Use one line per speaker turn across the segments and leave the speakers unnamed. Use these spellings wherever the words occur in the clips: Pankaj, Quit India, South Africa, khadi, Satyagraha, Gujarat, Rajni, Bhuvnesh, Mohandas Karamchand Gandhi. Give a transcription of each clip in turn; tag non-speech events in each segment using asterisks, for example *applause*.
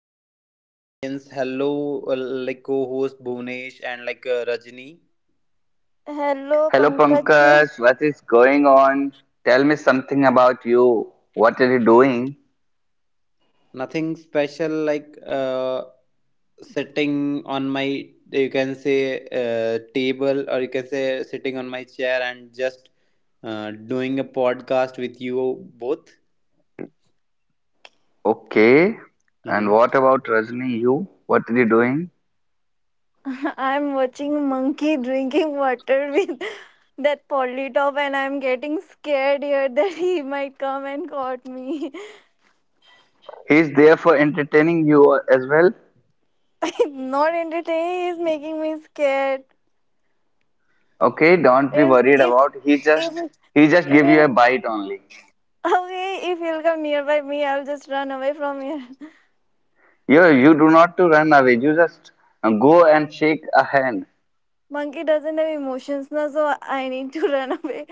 hello my audience, hello like co-host Bhuvnesh and like Rajni.
Hello,
Hello
Pankaj.
Pankaj, what is going on? Tell me something about you. What are you doing?
Nothing special, like sitting on my, you can say, table, or you can say sitting on my chair and just doing a podcast with you both.
Okay. And
Mm-hmm.
what about Rajni? You? What are you doing?
*laughs* I'm watching monkey drinking water with *laughs* that polytop, and I'm getting scared here *laughs* that he might come and caught me.
He's there for entertaining you as well.
*laughs* He's not entertaining. He's making me scared.
Okay, don't be
If
worried
if
about. He just
if
he just
if
give you a
he'll,
bite only.
Okay, if he'll come nearby me, I'll just run away from here. *laughs*
You do not to run away. You just go and shake a hand.
Monkey doesn't have emotions now, so I need to *laughs* run away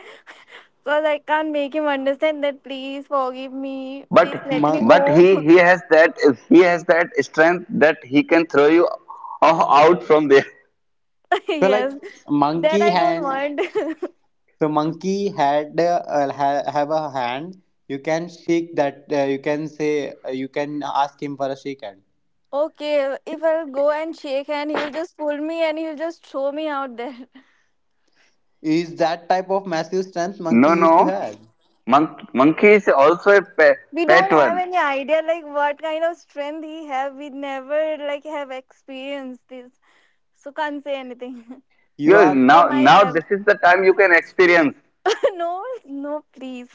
because I can't make him understand that. Please forgive me. Please
But
let me
Mon-
but
go.
he has that strength that he can throw you out from there.
*laughs*
so like,
Yes, that
monkey
I don't
hand.
want. *laughs*
So monkey have a hand. You can shake that. You can say. You can ask him for a shake hand.
Okay, if I'll go and shake hand, he'll just pull me and he'll just throw me out there. *laughs*
Is that type of massive strength
No,
monkey used to
no.
have?
Monkey is also a pe-
We
pet
don't have
one.
any idea like what kind of strength he have. We never like have experienced this. So can't say anything.
You
You
are
*laughs* They
now
might
now
have.
this is the time you can experience.
*laughs* No, no, please.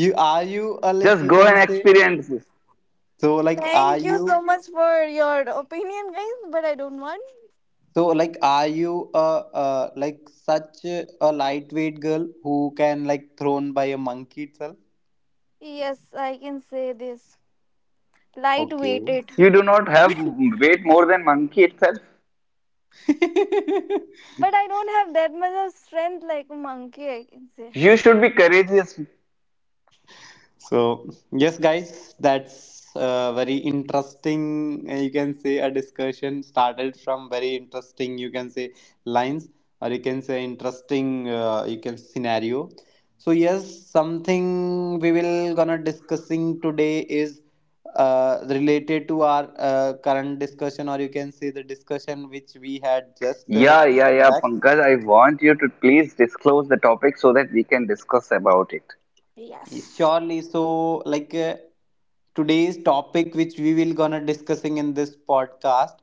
you like,
Just
you
go
can
and
say.
experience.
So
*laughs*
like are
Thank you so
you
much for your opinion, guys, but I don't want.
so like are you like such a lightweight girl who can, like, thrown by a monkey itself?
Yes, I can say this. Light
Okay.
weighted.
You do not have weight more than monkey itself.
*laughs*
But I don't have that much of strength like monkey, I can say.
You should be courageous.
So, yes, guys, that's very interesting. You can say a discussion started from very interesting, you can say, lines, or you can say interesting, you can scenario. So, yes, something we will gonna discussing today is related to our current discussion, or you can say the discussion which we had just
Yeah, yeah, yeah,
back.
Pankaj, I want you to please disclose the topic so that we can discuss about it.
*laughs* Yes.
Surely. So like today's topic, which we will gonna discussing in this podcast,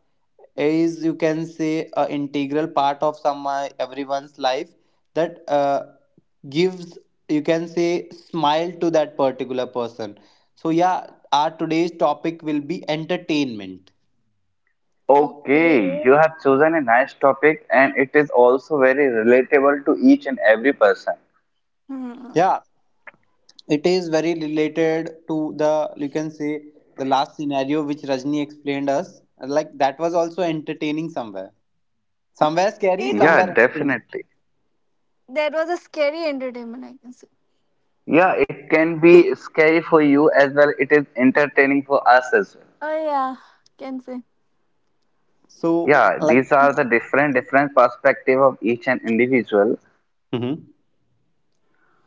is, you can say, a integral part of some everyone's life that gives, you can say, smile to that particular person. So yeah, our today's topic will be entertainment.
Okay.
Okay, you have chosen a nice topic, and it is also very relatable to each and every person.
Hmm.
Yeah, it is very related to the, you can say, the last scenario which Rajni explained us. Like, that was also entertaining somewhere. Somewhere scary,
It was
Yeah,
somewhere entertaining.
definitely.
That was a scary entertainment, I can say.
Yeah, it can be scary for you as well. It is entertaining for us as well.
Oh yeah, can say.
So
Yeah,
like.
these are the different different perspective of each and individual.
Hmm.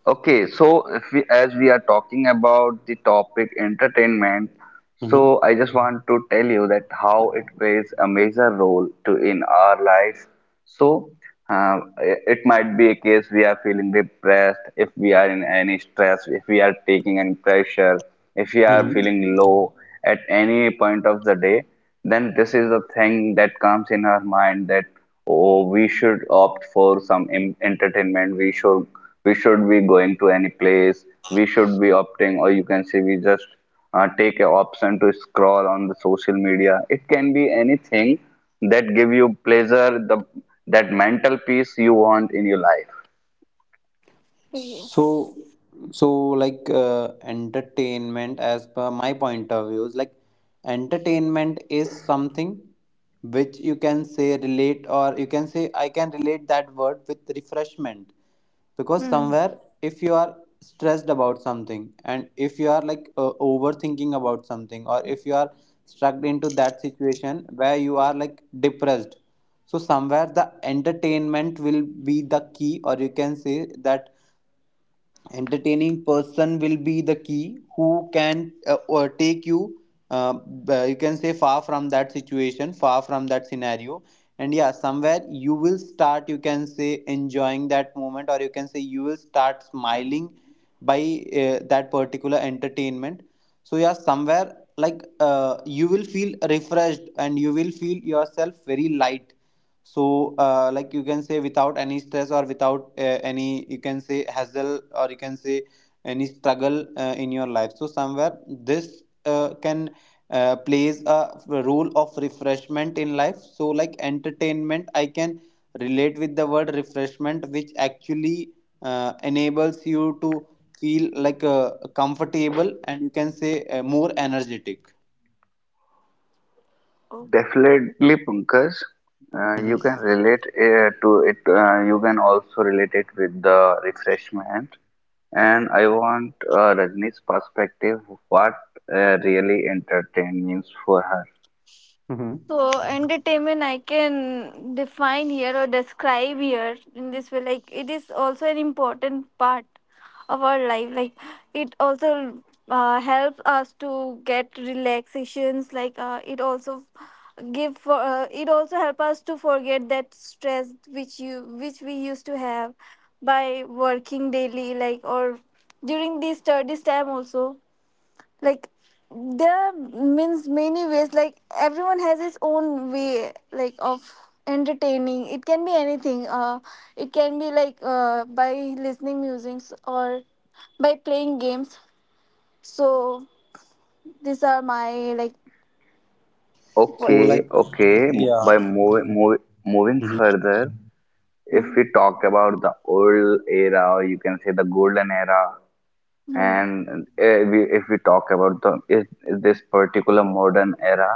Okay, so if we, as we are talking about the topic entertainment,
Hmm.
so I just want to tell you that how it plays a major role to in our life. So it might be a case we are feeling depressed, if we are in any stress, if we are taking any pressure, if we are
Hmm.
feeling
Hmm.
low at any point of the day, then this is the thing that comes in our mind that oh, we should opt for some entertainment. We should be going to any place, we should be opting, or you can say we just take an option to scroll on the social media. It can be anything that give you pleasure, the that mental peace you want in your life.
Yes.
So so like entertainment, as per my point of view, is like entertainment is something which, you can say, relate, or you can say I can relate that word with refreshment. Because
Hmm.
somewhere if you are stressed about something, and if you are, like, overthinking about something, or if you are struck into that situation where you are like depressed, so somewhere the entertainment will be the key, or you can say that entertaining person will be the key who can or take you you can say far from that situation, far from that scenario. And yeah, somewhere you will start, you can say, enjoying that moment, or you can say you will start smiling by that particular entertainment. So yeah, somewhere, like, you will feel refreshed, and you will feel yourself very light. So like, you can say, without any stress, or without any, you can say, hassle, or you can say any struggle in your life. So somewhere this can plays a role of refreshment in life. So like entertainment I can relate with the word refreshment, which actually enables you to feel, like, comfortable, and, you can say, more energetic.
Definitely, Pankaj. You can relate to it. You can also relate it with the refreshment. And I want Rajni's perspective. What really entertain means for her.
Mhm.
So entertainment I can define here or describe here in this way, like it is also an important part of our life, like it also helps us to get relaxations, like it also give for it also help us to forget that stress which we used to have by working daily, like, or during this studies time also, like there are means many ways, like everyone has his own way like of entertaining. It can be anything, it can be like by listening musics or by playing games. So these are my, like,
So
what.
Okay,
like,
okay. m- By
yeah.
mov mov moving
Mhm.
further, if
Hmm.
we talk about the old era, or you can say the golden era,
Hmm.
and we, if we talk about the is this particular modern era,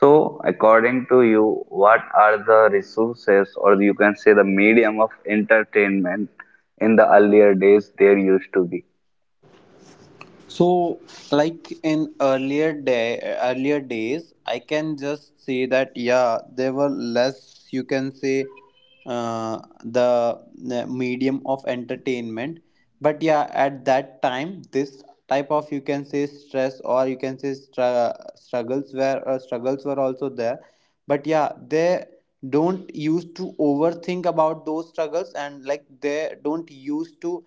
so, according to you, what are the resources, or you can say the medium of entertainment in the earlier days there used to be?
So, like in earlier days, I can just say that yeah, there were less. You can say uh, the medium of entertainment. But yeah, at that time, this type of, you can say, stress, or you can say struggles were also there. But yeah, there don't used to overthink about those struggles, and like they don't used to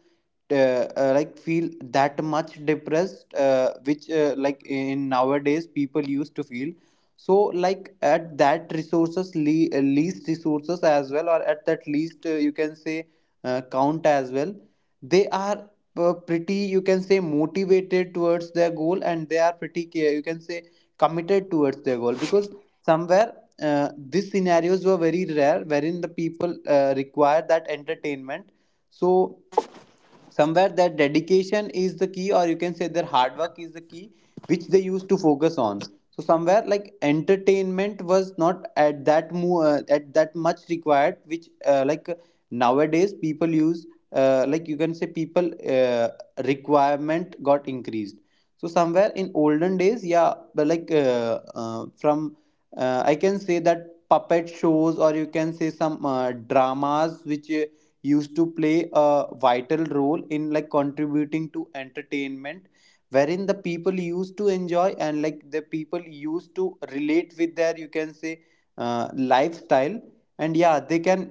like feel that much depressed, which like in nowadays people used to feel. So like at that resources least resources as well, or at that least you can say count as well, they are pretty, you can say, motivated towards their goal. And they are pretty you can say committed towards their goal, because somewhere these scenarios were very rare wherein the people required that entertainment. So somewhere that dedication is the key, or you can say their hard work is the key, which they used to focus on. So somewhere, like, entertainment was not at that at that much required, which like nowadays people use, like, you can say, people requirement got increased. So somewhere, in olden days, yeah, but like from, I can say, that puppet shows, or you can say some dramas which used to play a vital role in, like, contributing to entertainment, wherein the people used to enjoy, and like the people used to relate with their, you can say, lifestyle. And yeah, they can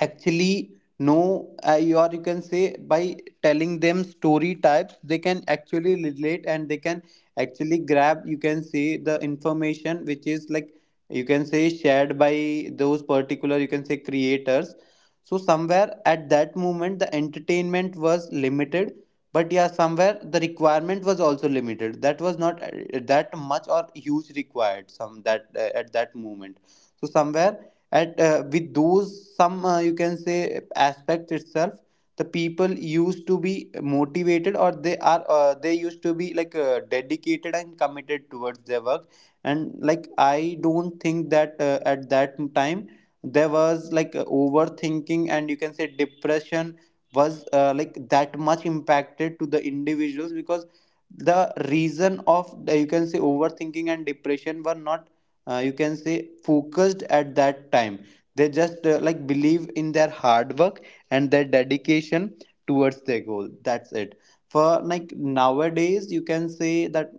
actually know, you, or you can say by telling them story types they can actually relate, and they can actually grab, you can say, the information which is, like you can say, shared by those particular, you can say, creators. So somewhere at that moment the entertainment was limited, but yeah, somewhere the requirement was also limited. That was not that much or huge required some that at that moment. So somewhere at with those some, you can say, aspects itself, the people used to be motivated, or they used to be, like, dedicated and committed towards their work. And like I don't think that at that time there was, like, overthinking, and, you can say, depression was, like, that much impacted to the individuals, because the reason of, you can say, overthinking and depression were not, you can say, focused at that time. They just like believe in their hard work and their dedication towards their goal. That's it. For like nowadays, you can say that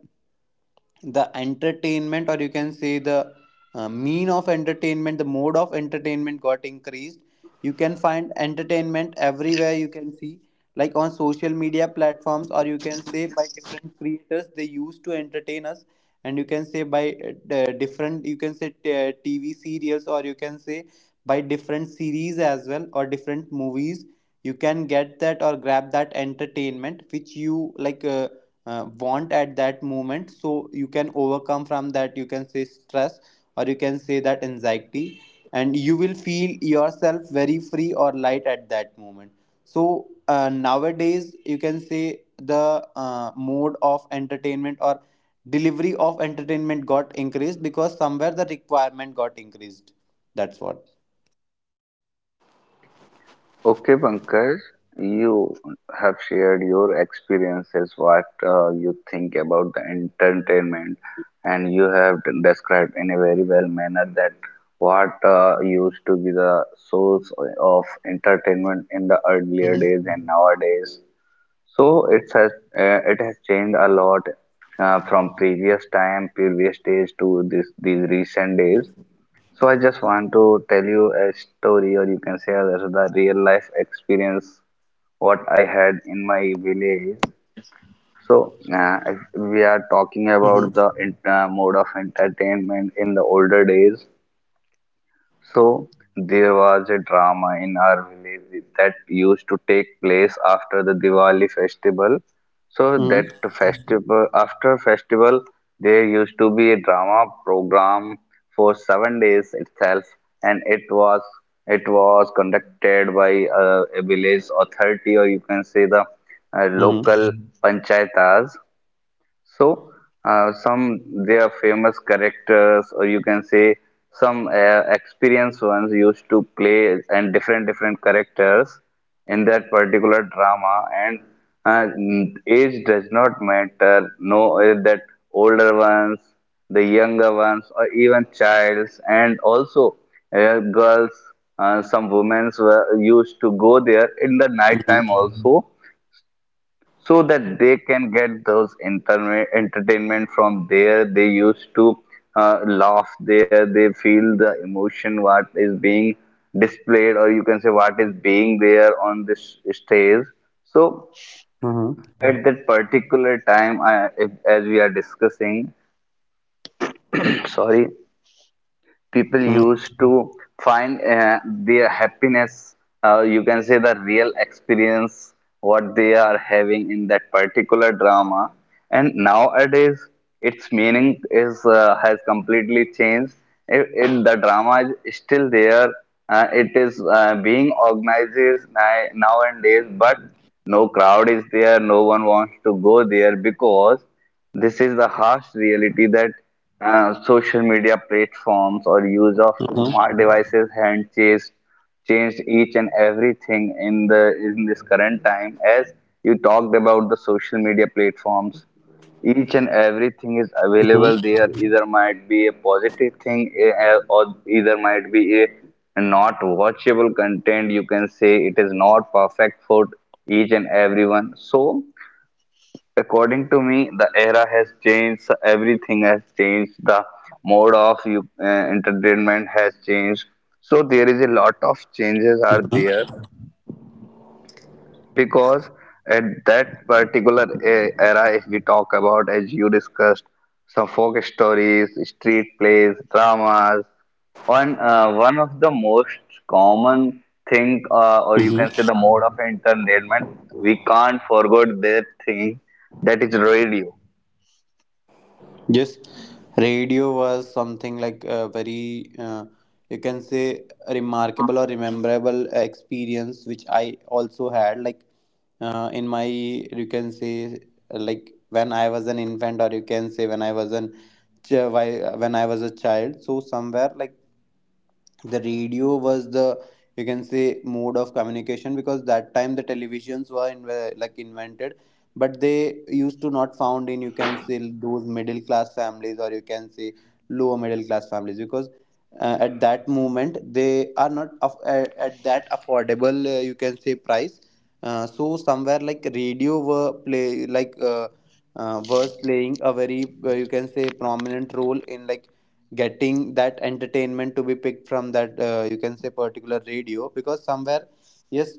the entertainment, or you can say the mean of entertainment, the mode of entertainment got increased. You can find entertainment everywhere. You can see, like, on social media platforms, or you can say by different creators they used to entertain us. And you can say by different, you can say, TV serials, or you can say by different series as well, or different movies. You can get that or grab that entertainment which you like want at that moment, so you can overcome from that, you can say, stress, or you can say that anxiety, and you will feel yourself very free or light at that moment. So nowadays, you can say, the mode of entertainment or delivery of entertainment got increased because somewhere the requirement got increased. That's what.
Okay, Pankaj, you have shared your experiences, what you think about the entertainment, and you have described in a very well manner that what used to be the source of entertainment in the earlier
Mm-hmm.
days and nowadays. So it has changed a lot from previous time, previous days to this these recent days. So I just want to tell you a story, or you can say as the real life experience what I had in my village. So if we are talking
Mm-hmm.
about the mode of entertainment in the older days. So there was a drama in our village that used to take place after the Diwali festival. So that
Mm-hmm.
festival after festival there used to be a drama program for 7 days itself, and it was conducted by a village authority, or you can say the local panchayatas. So, some their famous characters, or you can say some experienced ones used to play and different different characters in that particular drama, and age does not matter. No, that older ones, the younger ones, or even childs, and also girls. Some women were used to go there in the night time
Mm-hmm.
also so that they can get those entertainment from there. They used to laugh there, they feel the emotion what is being displayed, or you can say what is being there on this stage. So
Mm-hmm.
at that particular time I, if, as we are discussing *coughs* *clears throat* sorry, people used to find their happiness, you can say the real experience what they are having in that particular drama. And nowadays its meaning is has completely changed. If it, the drama is still there, it is being organized nowadays, but no crowd is there, no one wants to go there because this is the harsh reality that social media platforms or use of
Mm-hmm.
smart devices hand chased changed each and everything in the in this current time. As you talked about the social media platforms, each and everything is available
Mm-hmm.
there. Either might be a positive thing, or either might be a not watchable content. You can say it is not perfect for each and everyone. So according to me, the era has changed. So everything has changed. The mode of you, entertainment has changed. So there is a lot of changes are there because at that particular era, if we talk about, as you discussed, some folk stories, street plays, dramas, one of the most common thing, or you can say
Mm-hmm.
the mode of entertainment, we can't forget that thing that is radio.
Yes, radio was something like a very, you can say, remarkable or rememberable experience, which I also had. Like in my, you can say, like when I was an infant, or you can say when I was a child. So somewhere, like, the radio was the, you can say, mode of communication, because that time the televisions were, like, invented, but they used to not found in, you can say, those middle class families, or you can say lower middle class families, because at that moment they are not at that affordable, you can say, price. So somewhere like radio were play like was playing a very, you can say, prominent role in, like, getting that entertainment to be picked from that, you can say, particular radio. Because somewhere, yes,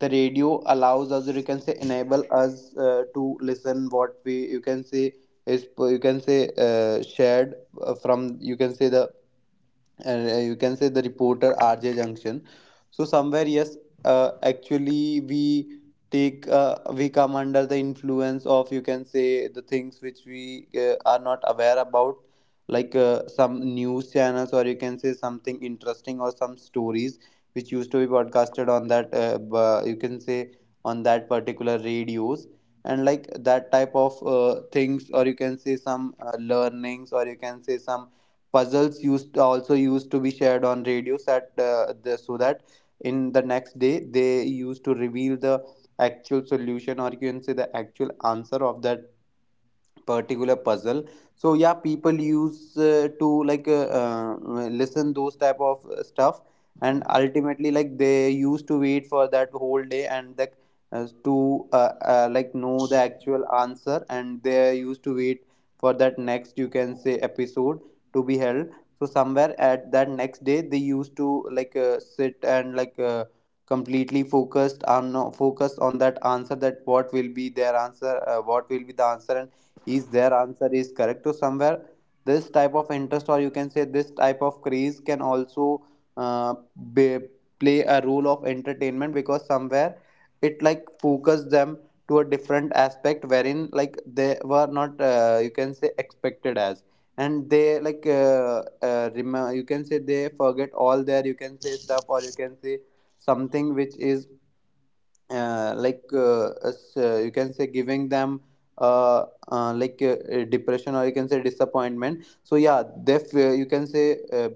the radio allows us, or you can say enable us to listen what we, you can say, is, you can say, shared from, you can say, the, and, you can say, the reporter RJ Junction. So somewhere, yes, actually we, take we come under the influence of, you can say, the things which we, are not aware about, like some news channels, or you can say something interesting, or some stories which used to be broadcasted on that you can say on that particular radios. And like that type of things, or you can say some learnings, or you can say some puzzles used also used to be shared on radios so that in the next day they used to reveal the actual solution, or you can say the actual answer of that particular puzzle. So yeah, people use to, like, listen those type of stuff. And ultimately, like, they used to wait for that whole day, and that to like know the actual answer. And they used to wait for that next, you can say, episode to be held. So somewhere at that next day they used to, like, sit, and, like, completely focused on that answer, that what will be their answer, what will be the answer, and is their answer is correct. So somewhere this type of interest, or you can say this type of craze, can also uh, be, play a role of entertainment, because somewhere it like focus them to a different aspect, wherein, like, they were not, you can say, expected as. And they you can say they Forget all their you can say stuff or you can say something which is you can say giving them uh, depression or you can say disappointment. So yeah, you can say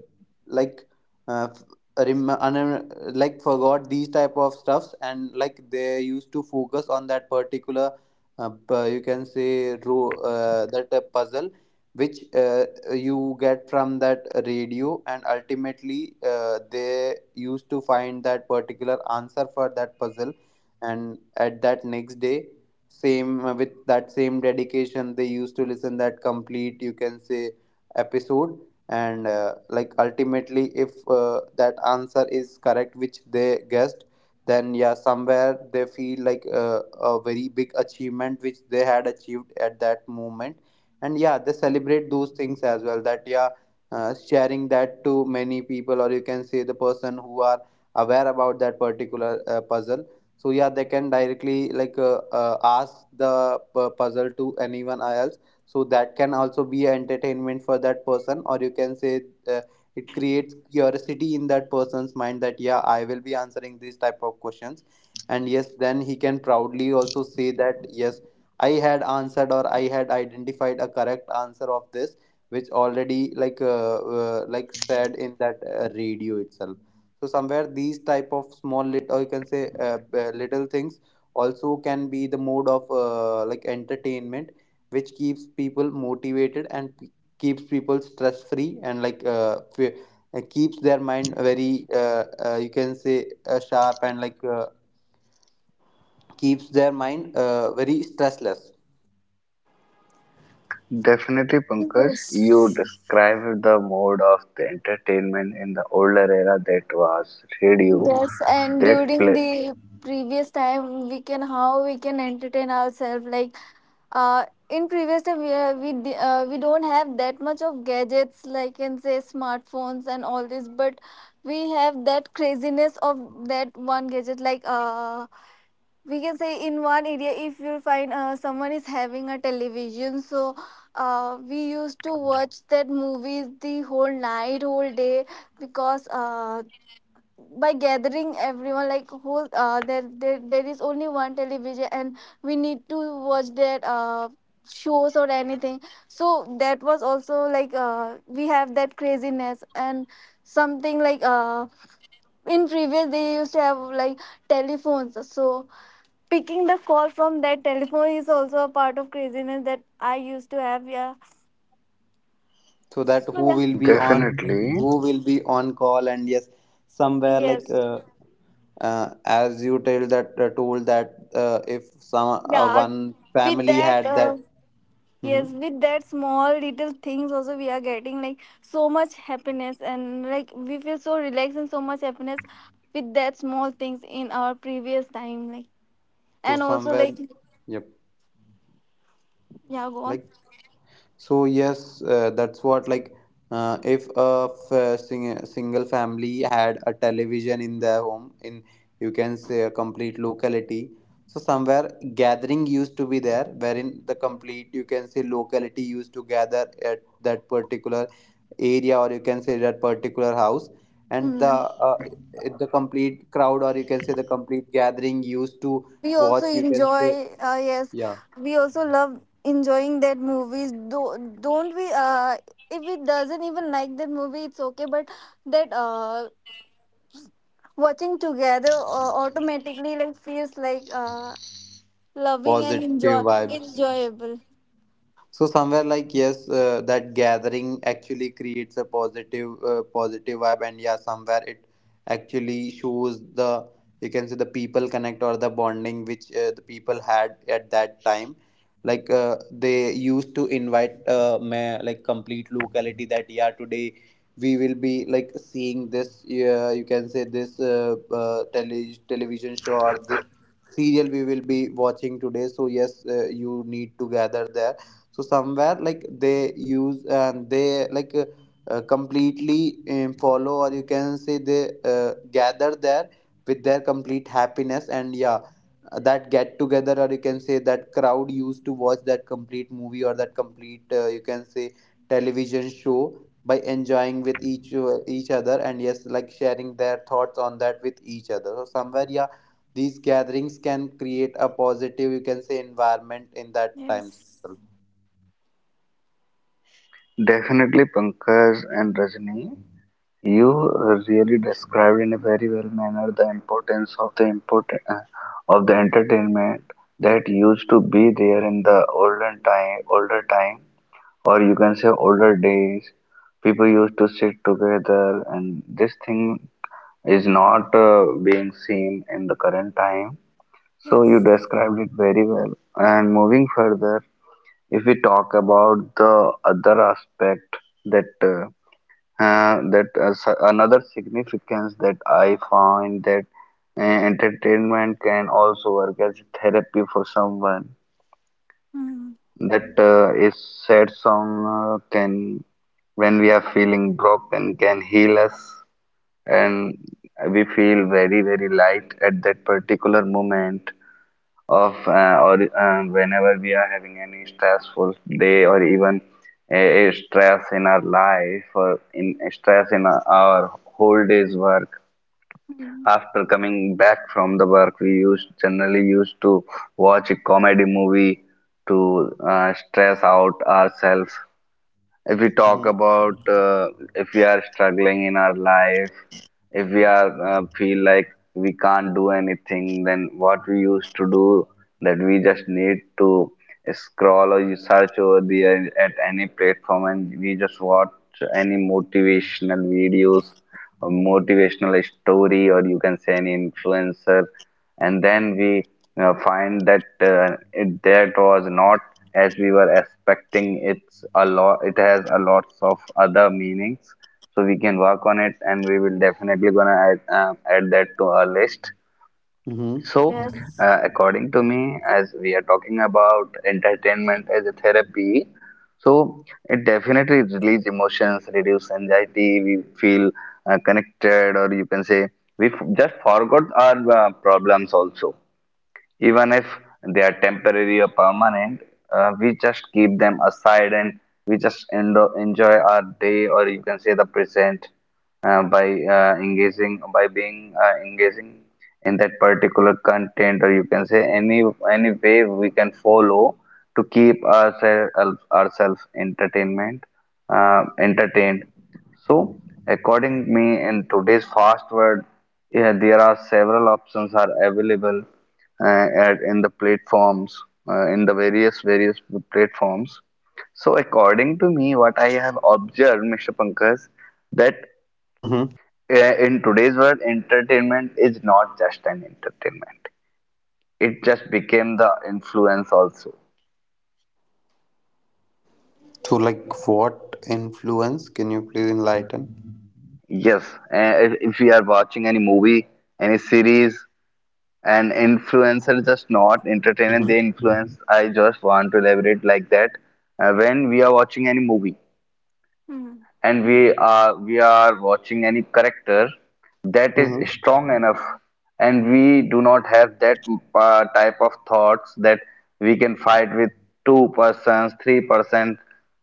like f- rem- un- like forgot these type of stuffs, and like they used to focus on that particular you can say ro- that puzzle which you get from that radio. And ultimately they used to find that particular answer for that puzzle, and at that next day, same with that same dedication, they used to listen that complete you can say episode. And ultimately, if that answer is correct which they guessed, then yeah, somewhere they feel like a very big achievement which they had achieved at that moment. And yeah, they celebrate those things as well, that yeah, sharing that to many people, or you can say the person who are aware about that particular puzzle. So yeah, they can directly ask the puzzle to anyone else. So that can also be entertainment for that person, or you can say uh, it creates curiosity in that person's mind that yeah, I will be answering these type of questions. And yes, then he can proudly also say that yes, I had answered, or I had identified a correct answer of this, which already said in that radio itself. So somewhere these type of small lit, or you can say b- little things also can be the mode of entertainment, which keeps people motivated and keeps people stress free, and keeps their mind very you can say sharp, and keeps their mind very stressless.
Definitely, Pankaj, you
Yes.
described the mode of the entertainment in the older era that was radio.
Mhm.
Yes, and
That
during
play
the previous time, we can how we can entertain ourselves. Like, in previous time, we are, we di- we don't have that much of gadgets, like can say smartphones and all this, but we have that craziness of that one gadget. Like, we can say in one area, if you find someone is having a television, so. We used to watch that movies the whole night, whole day, because by gathering everyone, like, whole there, there is only one television and we need to watch their shows or anything. So that was also like, we have that craziness. And something like, in previous they used to have like telephones, so picking the call from that telephone is also a part of craziness that I used to have. Yeah.
So that
So
who
yeah.
will be on, like,
definitely,
who will be on call, and yes, somewhere
Yes.
as you tell that told that if some
Yeah.
one
with
family
that
had that. Mhm.
Yes, with that small little things also we are getting like so much happiness, and like we feel so relaxed and so much happiness with that small things in our previous time, like,
So
and also
somewhere,
like,
yep,
yeah, go on.
like, so yes, that's what, like, if a single family had a television in their home, in you can say a complete locality, so somewhere gathering used to be there, wherein the complete, you can say locality used to gather at that particular area, or you can say that particular house. And
Hmm.
the complete crowd, or you can say the complete gathering used to watch, you can say
Yes,
yeah,
we also love enjoying that movies. Don't we? If it doesn't even like that movie, it's okay. But that watching together automatically like feels like loving and
positive vibes.
enjoyable.
So somewhere, like, yes, that gathering actually creates a positive, positive vibe. And yeah, somewhere it actually shows the, you can say the people connect, or the bonding which the people had at that time. Like, they used to invite, like, complete locality, that yeah, today we will be like seeing this, you can say this, television show, or this serial we will be watching today. So yes, you need to gather there. So somewhere, like, they use, and they completely follow, or you can say they gather there with their complete happiness. And yeah, that get together, or you can say that crowd used to watch that complete movie, or that complete, you can say television show by enjoying with each other, and yes, like, sharing their thoughts on that with each other. So somewhere, yeah, these gatherings can create a positive, you can say environment in that times
Yes.
itself.
definitely, Pankaj and Rajni, you really described in a very well manner the importance of the important of the entertainment that used to be there in the olden time, older time, or you can say older days. People used to sit together, and this thing is not being seen in the current time. So you
Yes.
described it very well. And moving further, if we talk about the other aspect that another significance that I find that entertainment can also work as therapy for someone.
Mm.
That is sad song can when we are feeling broken can heal us, and we feel very very light at that particular moment of or whenever we are having any stressful day or even a stress in our life or in a stress in our whole day's work
Mm.
after coming back from the work we used generally used to watch a comedy movie to stress out ourselves. If we talk
Mm-hmm.
about if we are struggling in our life, if we are feel like we can't do anything, then what we used to do, that we just need to scroll or you search over the at any platform, and we just watch any motivational videos or motivational story, or you can say any influencer. And then we find that it, that was not as we were expecting. It's a lot, it has a lots of other meanings, so we can work on it and we will definitely gonna add, add that to our list.
Mm-hmm.
So
Yes.
according to me, as we are talking about entertainment as a therapy, so it definitely relieves emotions, reduce anxiety. We feel connected, or you can say we just forgot our problems also, even if they are temporary or permanent, we just keep them aside and we just enjoy our day, or you can say the present, by engaging by being engaging in that particular content, or you can say any way we can follow to keep ourselves ourselves entertainment entertained. So, according me, in today's fast world, yeah, there are several options are available at in the platforms in the various various platforms. So according to me, what I have observed, Mr. Pankaj, that
Mm-hmm.
in today's world entertainment is not just an entertainment, it just became the influence also.
So, like, what influence? Can you please enlighten?
Yes, if we are watching any movie, any series, an influencer just not entertaining,
Mm-hmm.
they influence. I just want to elaborate like that. When we are watching any movie,
Mm.
and we are watching any character that is
Mm-hmm.
strong enough, and we do not have that type of thoughts that we can fight with two persons 3%,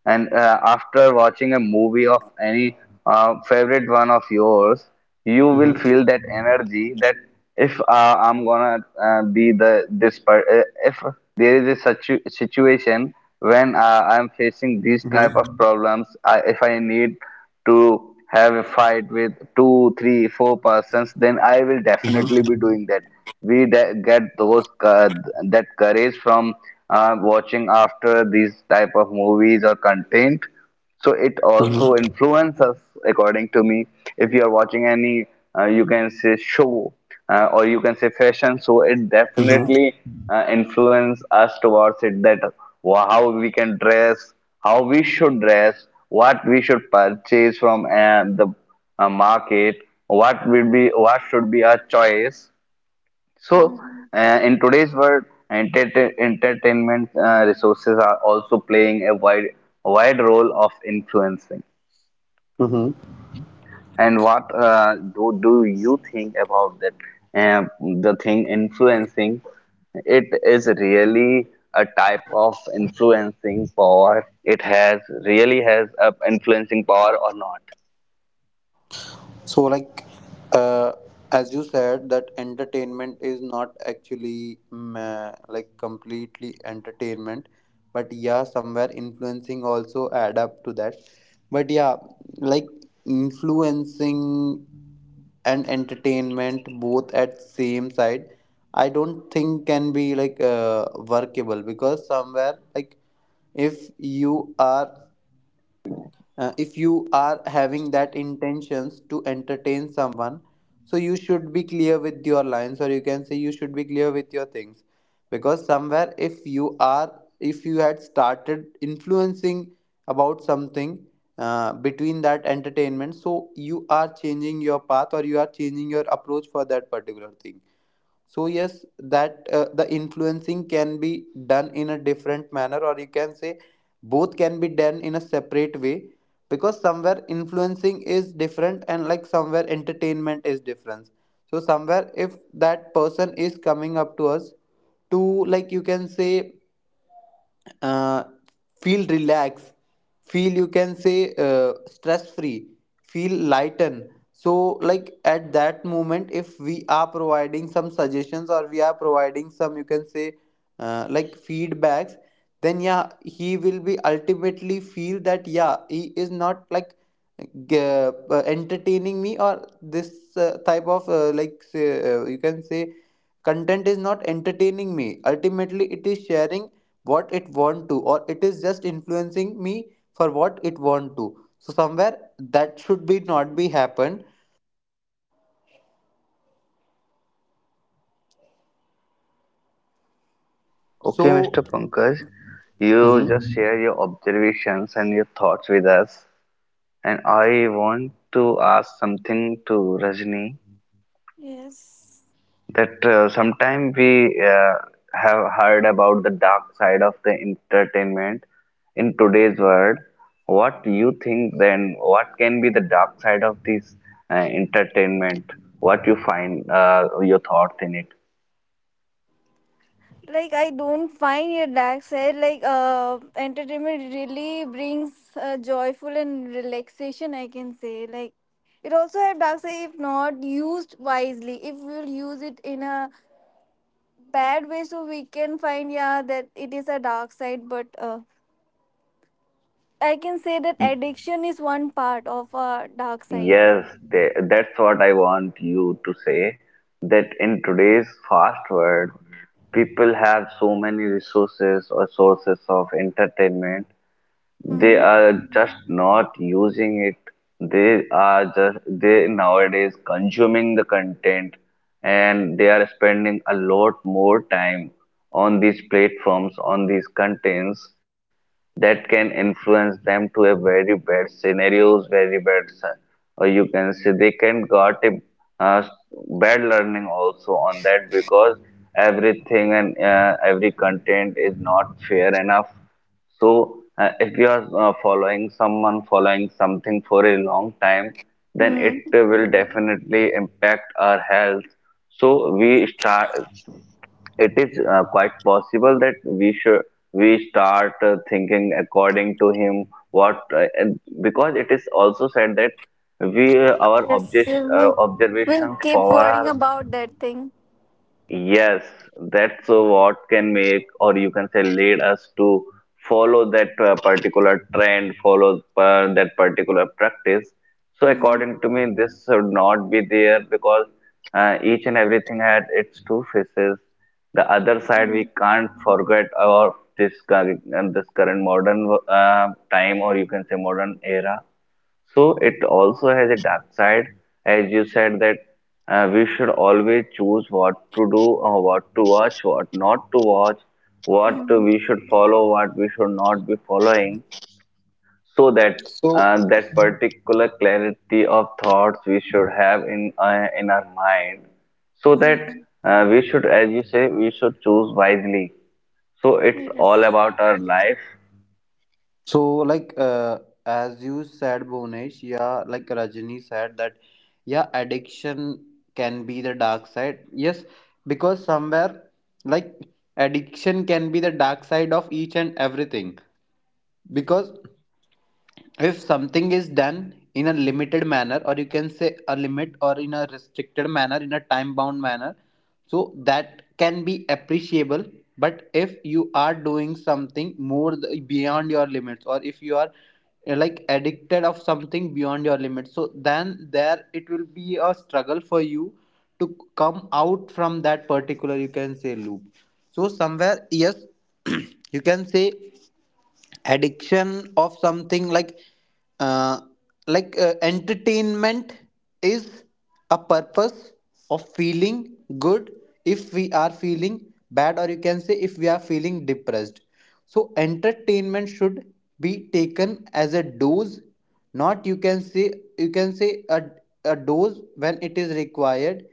and after watching a movie of any favorite one of yours, you will
Mm-hmm.
feel that energy that if I'm gonna be the this part, if there is a situation when I'm facing these type
Mm-hmm.
of problems, if I need to have a fight with two, three, four persons, then I will definitely
Mm-hmm.
be doing that. Get those that courage from watching after these type of movies or content, so it also influences, according to me. If you are watching any, you can say, show or you can say fashion, so it
Mm-hmm.
definitely influence us towards it. That how we can dress, how we should dress, what we should purchase from the market, what will be, what should be our choice. So,
Mm.
in today's world, entertainment resources are also playing a wide role of influencing.
Mm-hmm.
And what do you think about that? Um, the thing influencing, it is really a type of influencing power. It has really has a influencing power or not.
So, like, uh, as you said, that entertainment is not actually like completely entertainment, but yeah, somewhere influencing also add up to that. But yeah, like, influencing and entertainment both at same side, I don't think can be like workable, because somewhere, like, if you are if you are having that intentions to entertain someone, so you should be clear with your lines, or you can say you should be clear with your things, because somewhere, if you are if you had started influencing about something between that entertainment, so you are changing your path, or you are changing your approach for that particular thing. So yes, that the influencing can be done in a different manner, or you can say both can be done in a separate way, because somewhere influencing is different, and like somewhere entertainment is different. So somewhere, if that person is coming up to us to, like, you can say, uh, feel relaxed, feel, you can say, stress free, feel lighten. So, like, at that moment, if we are providing some suggestions, or we are providing some, you can say, feedbacks, then yeah, he will be ultimately feel that yeah, he is not like g- uh, entertaining me, or this type of, you can say, content is not entertaining me. Ultimately, it is sharing what it want to, or it is just influencing me for what it want to. So somewhere that should be not be happen,
Okay, Mr.
so.
Pankaj, you
Mhm.
just share your observations and your thoughts with us. And I want to ask something to Rajni,
Yes.
that sometime we have heard about the dark side of the entertainment in today's world. What do you think then? What can be the dark side of this uh, entertainment? What you find your thoughts in it?
Like I don't find your dark side. Like entertainment really brings joyful and relaxation, I can say. Like it also have dark side if not used wisely. If we'll use it in a bad way, so we can find, yeah, that it is a dark side. But I can say that addiction is one part of a dark side.
Yes, they, that's what I want you to say. That in today's fast world, people have so many resources or sources of entertainment, they
Hmm.
are just not using it. They are just, they nowadays consuming the content, and they are spending a lot more time on these platforms, on these contents, that can influence them to a very bad scenarios, very bad, se-, or you can say they can got a uh, bad learning also on that, because everything and every content is not fair enough. So, if you are following someone, following something for a long time, then it
Hmm.
will definitely impact our health. So, we start, it is quite possible that we should we start thinking according to him what and because it is also said that we our
Yes, we will
observations
keep
power
worrying
are.
about that thing.
Yes, that's what can make, or you can say, lead us to follow that particular trend, follow that particular practice. So,
Hmm.
according to me, this should not be there because each and everything had its two faces. The other side, we
Hmm.
can't forget our this current modern time, or you can say modern era. So it also has a dark side, as you said that we should always choose what to do or what to watch, what not to watch, what
Hmm.
we should follow, what we should not be following, so that
So,
that particular clarity of thoughts we should have in our mind, so
Hmm.
that we should, as you say, we should choose wisely. So it's all
Yes.
about our life.
so, like, as you said, Bonesh. Yeah, like Rajani said that yeah, addiction can be the dark side, yes, because somewhere, like, addiction can be the dark side of each and everything, because if something is done in a limited manner, or you can say a limit, or in a restricted manner, in a time bound manner, so that can be appreciable. But if you are doing something more beyond your limits, or if you are like addicted of something beyond your limits, so then there it will be a struggle for you to come out from that particular, you can say, loop. So somewhere, yes, *clears throat* you can say addiction of something, like, uh, entertainment is a purpose of feeling good. If we are feeling bad, or you can say if we are feeling depressed, so entertainment should be taken as a dose, not, you can say, you can say a dose when it is required,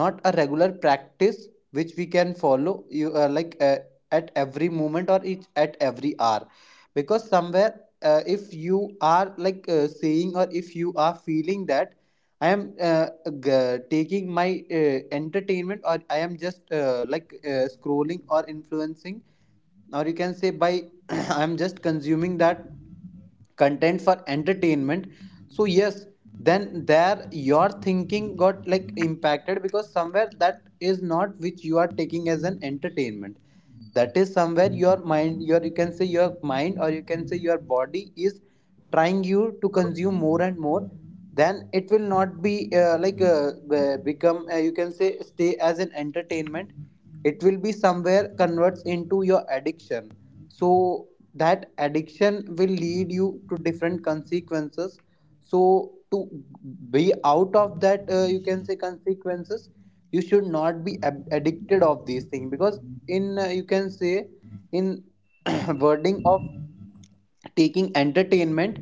not a regular practice which we can follow, you like at every moment, or each at every hour. Because somewhere, if you are like, saying, or if you are feeling that I am uh, taking my entertainment, or I am just, scrolling or influencing, or you can say by *clears throat* I am just consuming that content for entertainment. So yes, then there your thinking got like impacted, because somewhere that is not which you are taking as an entertainment, that is somewhere your mind, your, you can say, your mind, or you can say your body is trying you to consume more and more. Then it will not be like be- become you can say stay as an entertainment, it will be somewhere converts into your addiction. So that addiction will lead you to different consequences. So to be out of that, you can say, consequences, you should not be addicted of these things. Because in, you can say, in *clears throat* wording of taking entertainment,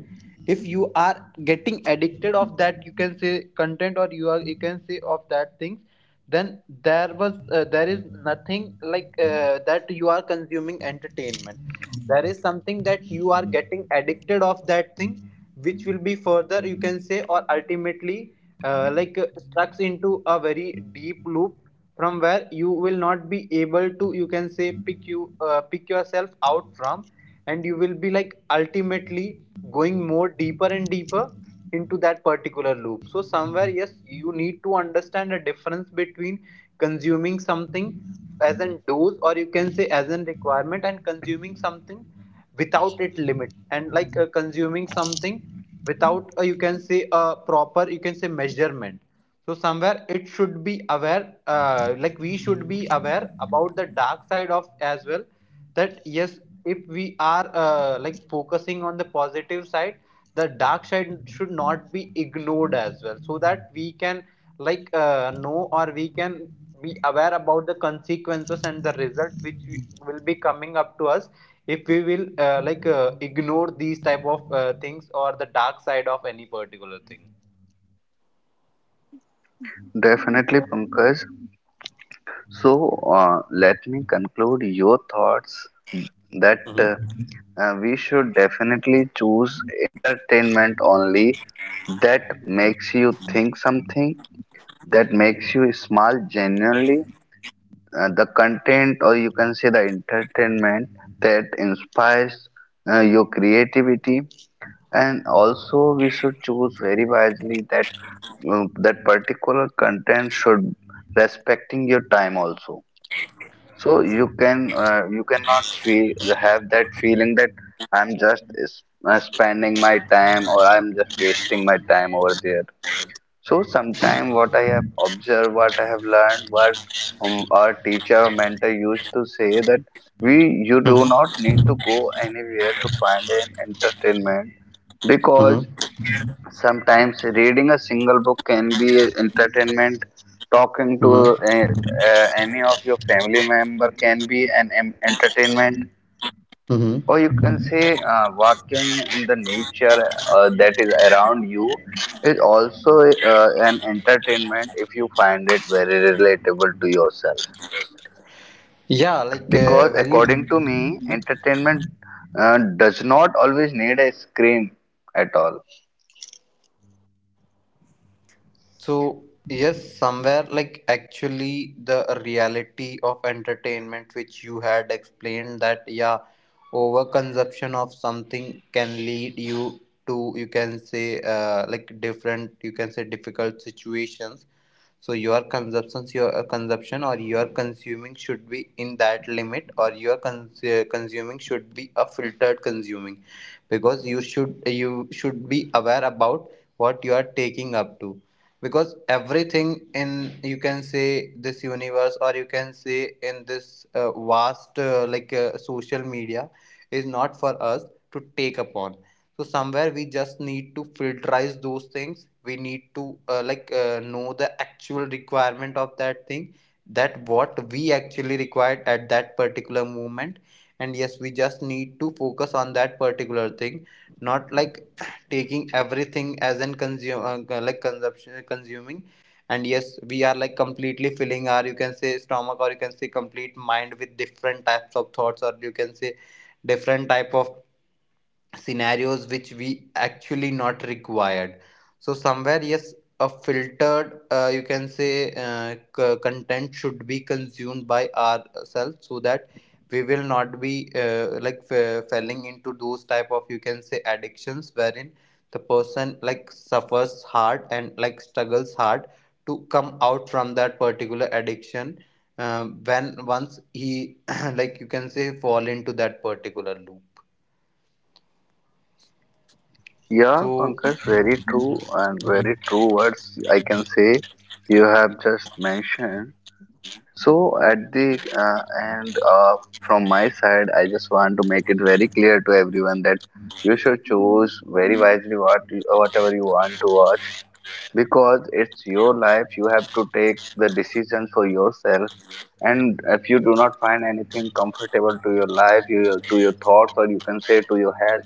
if you are getting addicted of that, you can say, content, or you are, you can say, of that things, then there is nothing like, that you are consuming entertainment, there is something that you are getting addicted of that thing, which will be further, you can say, or ultimately, stuck into a very deep loop, from where you will not be able to, you can say, pick yourself out from. And you will be, like, ultimately going more deeper and deeper into that particular loop. So somewhere, yes, you need to understand the difference between consuming something as an dose, or you can say as an requirement, and consuming something without it limit, and like, consuming something without, you can say a proper, you can say, measurement. So somewhere, it should be aware, we should be aware about the dark side of as well, that yes, if we are, focusing on the positive side, the dark side should not be ignored as well, so that we can, know, or we can be aware about the consequences and the results which will be coming up to us, if we will, ignore these type of things, or the dark side of any particular thing.
Definitely, Pankaj. So, let me conclude your thoughts that
Mm-hmm.
we should definitely choose entertainment only that makes you think something, that makes you smile genuinely. The content, or you can say the entertainment that inspires your creativity, and also we should choose very wisely that that particular content should respecting your time also, so you can you cannot feel have that feeling that I'm just spending my time or I'm just wasting my time over there. So sometime what I have observed, what I have learned, what our teacher or mentor used to say that we you do not need to go anywhere to find an entertainment because
Mm-hmm.
sometimes reading a single book can be entertainment. Talking to
Mm-hmm.
any of your family member can be an entertainment.
Mm-hmm.
Or you can say walking in the nature that is around you is also an entertainment if you find it very relatable to yourself.
Yeah, like,
Because
very.
according to me, entertainment does not always need a screen at all.
So, yes, somewhere, like, actually the reality of entertainment which you had explained, that yeah, overconsumption of something can lead you to, you can say, different, you can say, difficult situations. So your consumption or your consuming should be in that limit, or your consuming should be a filtered consuming, because you should be aware about what you are taking up to, because everything in, you can say, this universe, or you can say in this vast, social media, is not for us to take upon. So somewhere we just need to filterize those things. We need to know the actual requirement of that thing, that what we actually required at that particular moment, and yes, we just need to focus on that particular thing, not like *clears throat* taking everything as in consume like consumption consuming. And yes, we are like completely filling our, you can say, stomach, or you can say complete mind, with different types of thoughts, or you can say different type of scenarios, which we actually not required. So somewhere, yes, a filtered you can say content should be consumed by ourselves, so that we will not be falling into those type of, you can say, addictions, wherein the person like suffers hard and like struggles hard to come out from that particular addiction when once he *clears throat* like, you can say, fall into that particular loop.
Yeah,
So
Pankaj, very true and very true words I can say you have just mentioned. So, at the end, from my side, I just want to make it very clear to everyone that you should
Hmm.
choose very wisely what you, whatever you want to watch, because it's your life, you have to take the decision for yourself. And if you do not find anything comfortable to your life you, to your thoughts, or you can say to your health,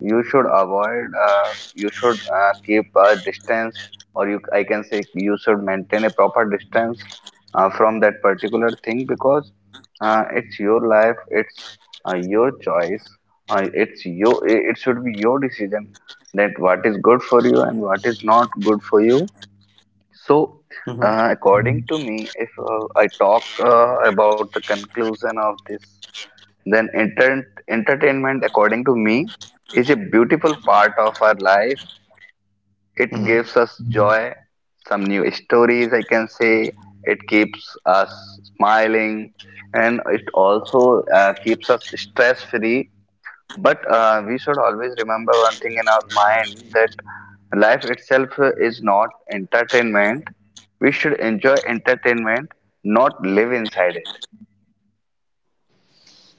you should
Hmm.
avoid you should keep a distance, or you I can say you should maintain a proper distance from that particular thing, because it's your life, it's your choice, it's your it should be your decision that what is good for you and what is not good for you. So,
Mhm.
according to me, if I talk about the conclusion of this, then entertainment, according to me, is a beautiful part of our life. It
Mm-hmm.
gives us joy, some new stories, I can say. It keeps us smiling, and it also keeps us stress free, but we should always remember one thing in our mind that life itself is not entertainment. We should enjoy entertainment, not live inside it.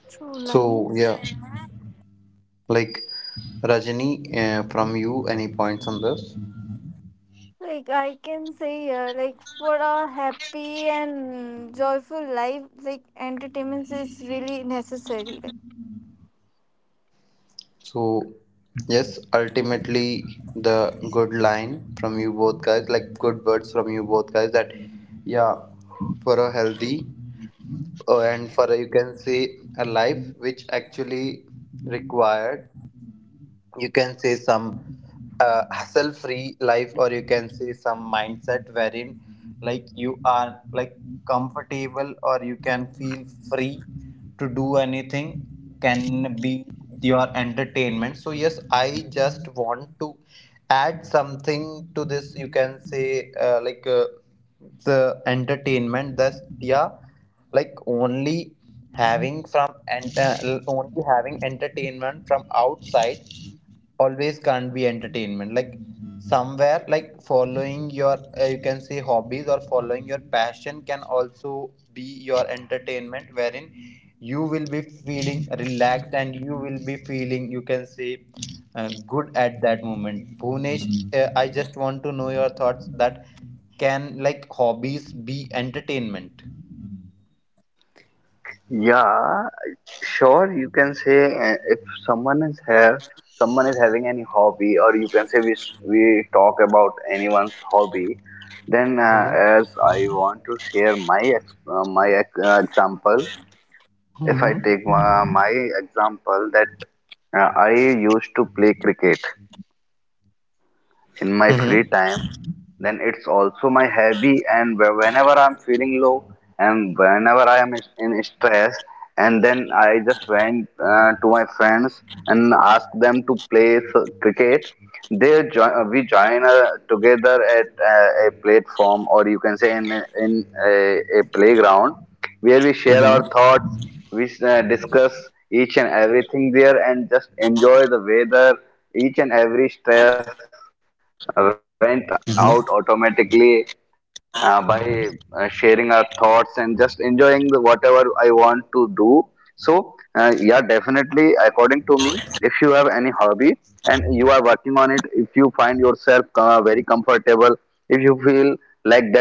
True
So
lines.
yeah, like Rajani, from you, any points on this?
Like I can say here, like for a happy and joyful life, like entertainment is really necessary. Like
So yes, ultimately the good line from you both guys, like good words from you both guys, that yeah, for a healthy and for a, you can say, a life which actually required, you can say, some hassle free life, or you can say some mindset wherein like you are like comfortable, or you can feel free to do anything, can be your entertainment. So yes, I just want to add something to this, you can say the entertainment that's yeah, like only having from and uh, having entertainment from outside always can't be entertainment. Like somewhere, like following your you can say hobbies, or following your passion, can also be your entertainment, wherein you will be feeling relaxed and you will be feeling, you can say, uh, good at that moment. Bhunesh, I just want to know your thoughts that can like hobbies be entertainment.
Yeah, sure, you can say if someone is here, someone is having any hobby, or you can say we, we talk about anyone's hobby, then
Mm-hmm.
as I want to share my, my example. If I
Mm-hmm.
take my example that I used to play cricket in my free
Mm-hmm.
time, then it's also my hobby. And whenever I'm feeling low and whenever I am in stress, and then I just went to my friends and asked them to play cricket. They we join together at a platform, or you can say in a playground where we share our
Mm-hmm.
thoughts, we discuss each and everything there, and just enjoy the weather. Each and every stress went out automatically by sharing our thoughts and just enjoying the, whatever I want to do. So, yeah, definitely, according to me, if you have any hobby and you are working on it, if you find yourself very comfortable, if you feel like that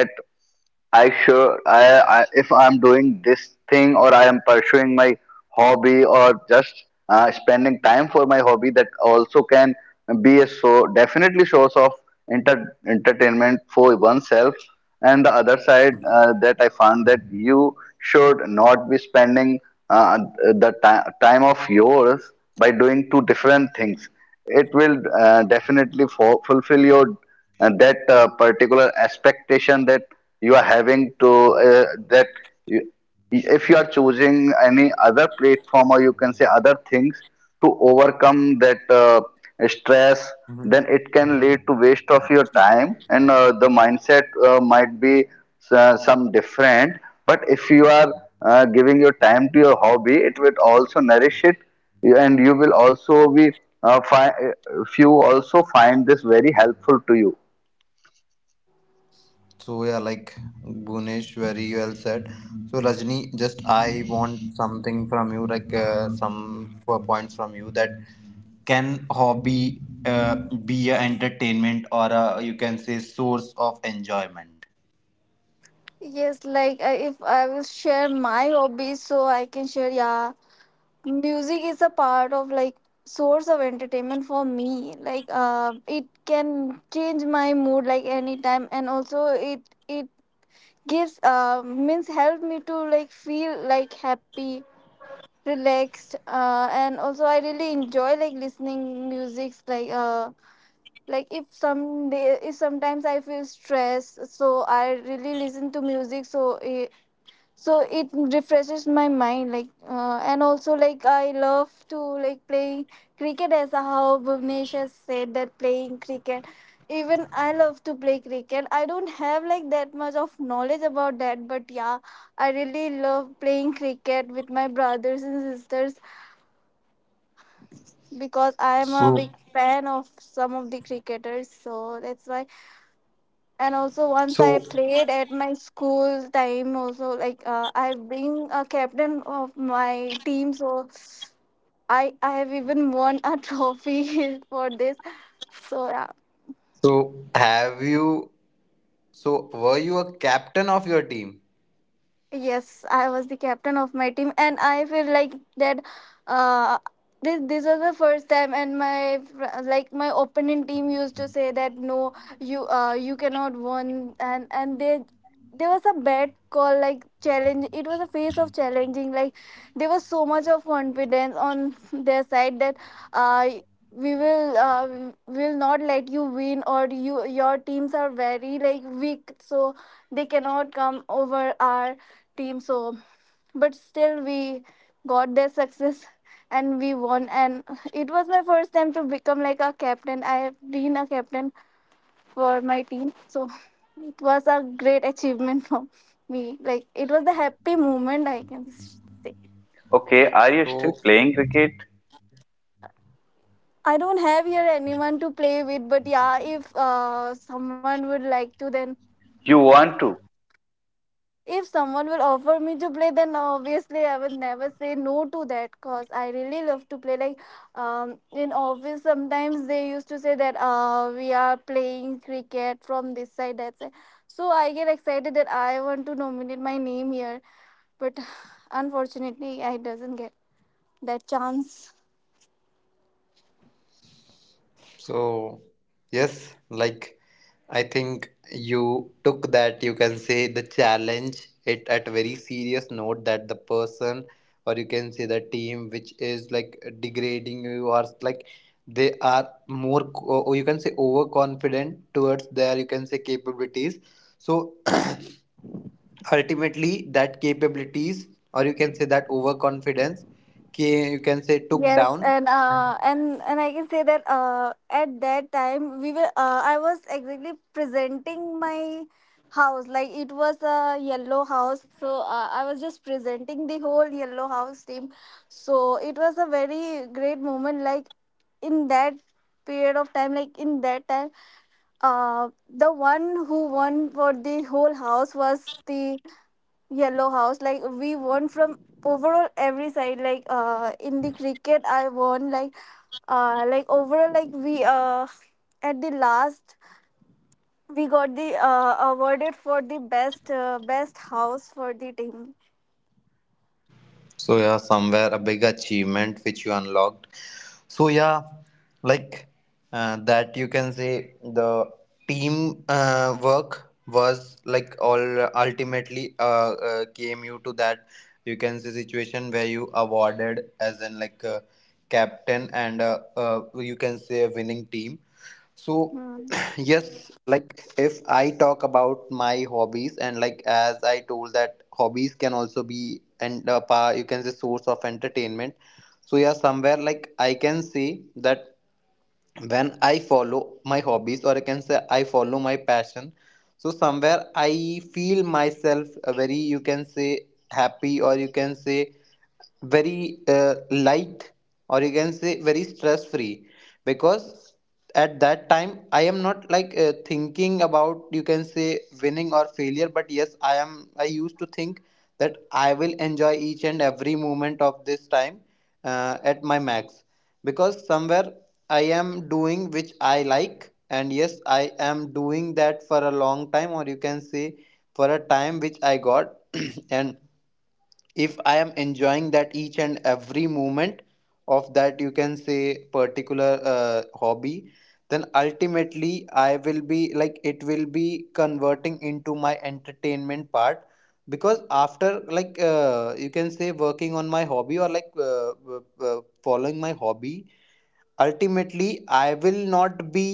I if I'm doing this thing or I am pursuing my hobby, or just spending time for my hobby, that also can be a so definitely source of inter, entertainment for oneself. And the other side that I found, that you should not be spending uh, the time of yours by doing two different things. It will definitely fulfill your, and that particular expectation that you are having to that if you are choosing any other platform or you can say other things to overcome that stress,
Mm-hmm.
then it can lead to waste of your time, and the mindset might be some different. But if you are giving your time to your hobby, it will also nourish it, and you will also be uh, fi- uh, also find this very helpful to you.
So yeah, like Bhunesh, very well said. So Rajni, just I want something from you, like points from you that can hobby be a entertainment, or a, you can say, source of enjoyment.
yes, like if I will share my hobbies, so I can share. Yeah, music is a part of, like, source of entertainment for me, like, it can change my mood, like, anytime, and also it gives, means, help me to like feel like happy, relaxed, and also I really enjoy like listening music. Like like, if someday, if sometimes I feel stressed, so I really listen to music, so it refreshes my mind. Like, and also like I love to like play cricket, as how Bhuvnesh has said that playing cricket, even I love to play cricket. I don't have like that much of knowledge about that, but yeah, I really love playing cricket with my brothers and sisters because I am a
So
big fan of some of the cricketers, so that's why. And also once I
so
played at my school time also, like, I've been a captain of my team, so I have even won a *laughs* trophy for this. So yeah.
have you, were you a captain of your team?
Yes, I was the captain of my team, and I feel like that. Uh, this was the first time, and like my opponent team used to say that, no, you you cannot win, and they there was a bad call like challenge. It was a phase of challenging. Like there was so much of confidence on *laughs* their side that uh we will not let you win, or your teams are very like weak, so they cannot come over our team. So but still we got their success and we won. And it was my first time to become like a captain. I have been a captain for my team, so it was a great achievement for me. Like, it was the happy moment, I can say.
Okay, are you still
So
playing cricket?
I don't have here anyone to play with, but yeah, if someone would like to, then...
You want to?
If someone will offer me to play, then obviously I would never say no to that because I really love to play. Like, in office, sometimes they used to say that, we are playing cricket from this side, that side. So I get excited that I want to nominate my name here, but *sighs* unfortunately, I doesn't get that chance.
So, yes, like I think you took that, you can say, the challenge it at very serious note, that the person, or you can say the team, which is like degrading you, or like they are more co- or you can say overconfident towards their, you can say, capabilities. So *clears throat* ultimately that capabilities, or you can say that overconfidence, you can say took
Yes,
down.
and I can say that, at that time we were I was exactly presenting my house, like it was a yellow house, so I was just presenting the whole yellow house team. So it was a very great moment. Like in that period of time, like in that time, the one who won for the whole house was the Yellow House. Like we won from overall every side. Like in the cricket I won, like, like overall, like we at the last, we got the awarded for the best house for the team.
So yeah, somewhere a big achievement which you unlocked. So yeah, like that you can say the team work was like all ultimately came you to that, you can say, situation where you awarded as in like a captain, and you can say a winning team. So,
Hmm.
*clears throat* yes, like if I talk about my hobbies, and like as I told that hobbies can also be and you can say source of entertainment. So yeah, somewhere like I can say that when I follow my hobbies, or I can say I follow my passion. So somewhere I feel myself very, you can say, happy, or you can say very light, or you can say very stress free, because at that time I am not like thinking about, you can say, winning or failure, but yes, I used to think that I will enjoy each and every moment of this time at my max, because somewhere I am doing which I like, and yes, I am doing that for a long time, or you can say for a time which I got. *clears throat* And if I am enjoying that each and every moment of that, you can say, particular hobby, then ultimately I will be like it will be converting into my entertainment part. Because after like you can say working on my hobby, or like following my hobby, ultimately I will not be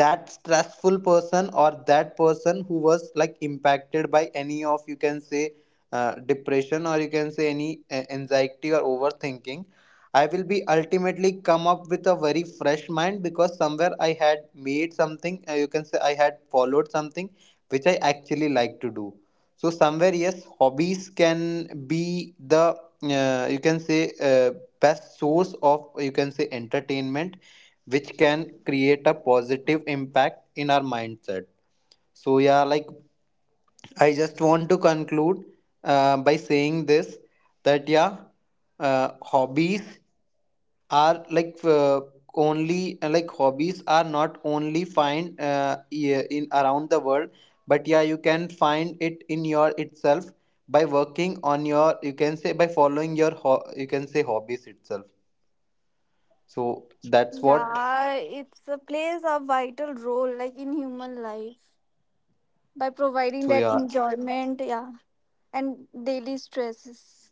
that stressful person, or that person who was like impacted by any of, you can say, depression, or you can say any anxiety or overthinking. I will be ultimately come up with a very fresh mind, because somewhere I had made something, you can say I had followed something which I actually like to do. So somewhere, yes, hobbies can be the you can say best source of, you can say, entertainment, which can create a positive impact in our mindset. So yeah, like I just want to conclude by saying this that yeah, hobbies are like only like hobbies are not only find yeah, in around the world, but yeah, you can find it in your itself, by working on your, you can say, by following your you can say hobbies itself. So that's what.
Yeah, it's a plays a vital role like in human life by providing
So
that
yeah,
enjoyment, yeah, and daily stresses.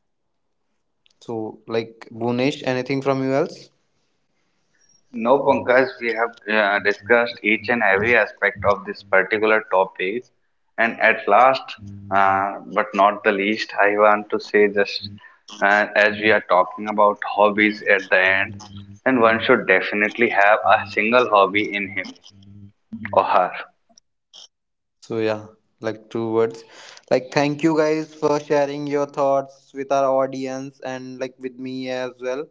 so like Bunesh, anything from you else?
No, Pankaj, we have discussed each and every aspect of this particular topic. And at last, but not the least, I want to say just as we are talking about hobbies at the end, and one should definitely have a single hobby in him or her.
So yeah, like two words, like thank you guys for sharing your thoughts with our audience, and like with me as well.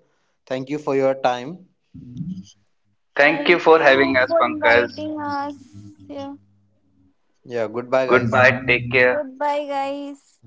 Thank you for your time.
Thank you
Thank
for having
you
us,
for
Pankaj.
inviting us. Yeah.
Yeah, goodbye, guys.
Goodbye, take care.
Goodbye guys.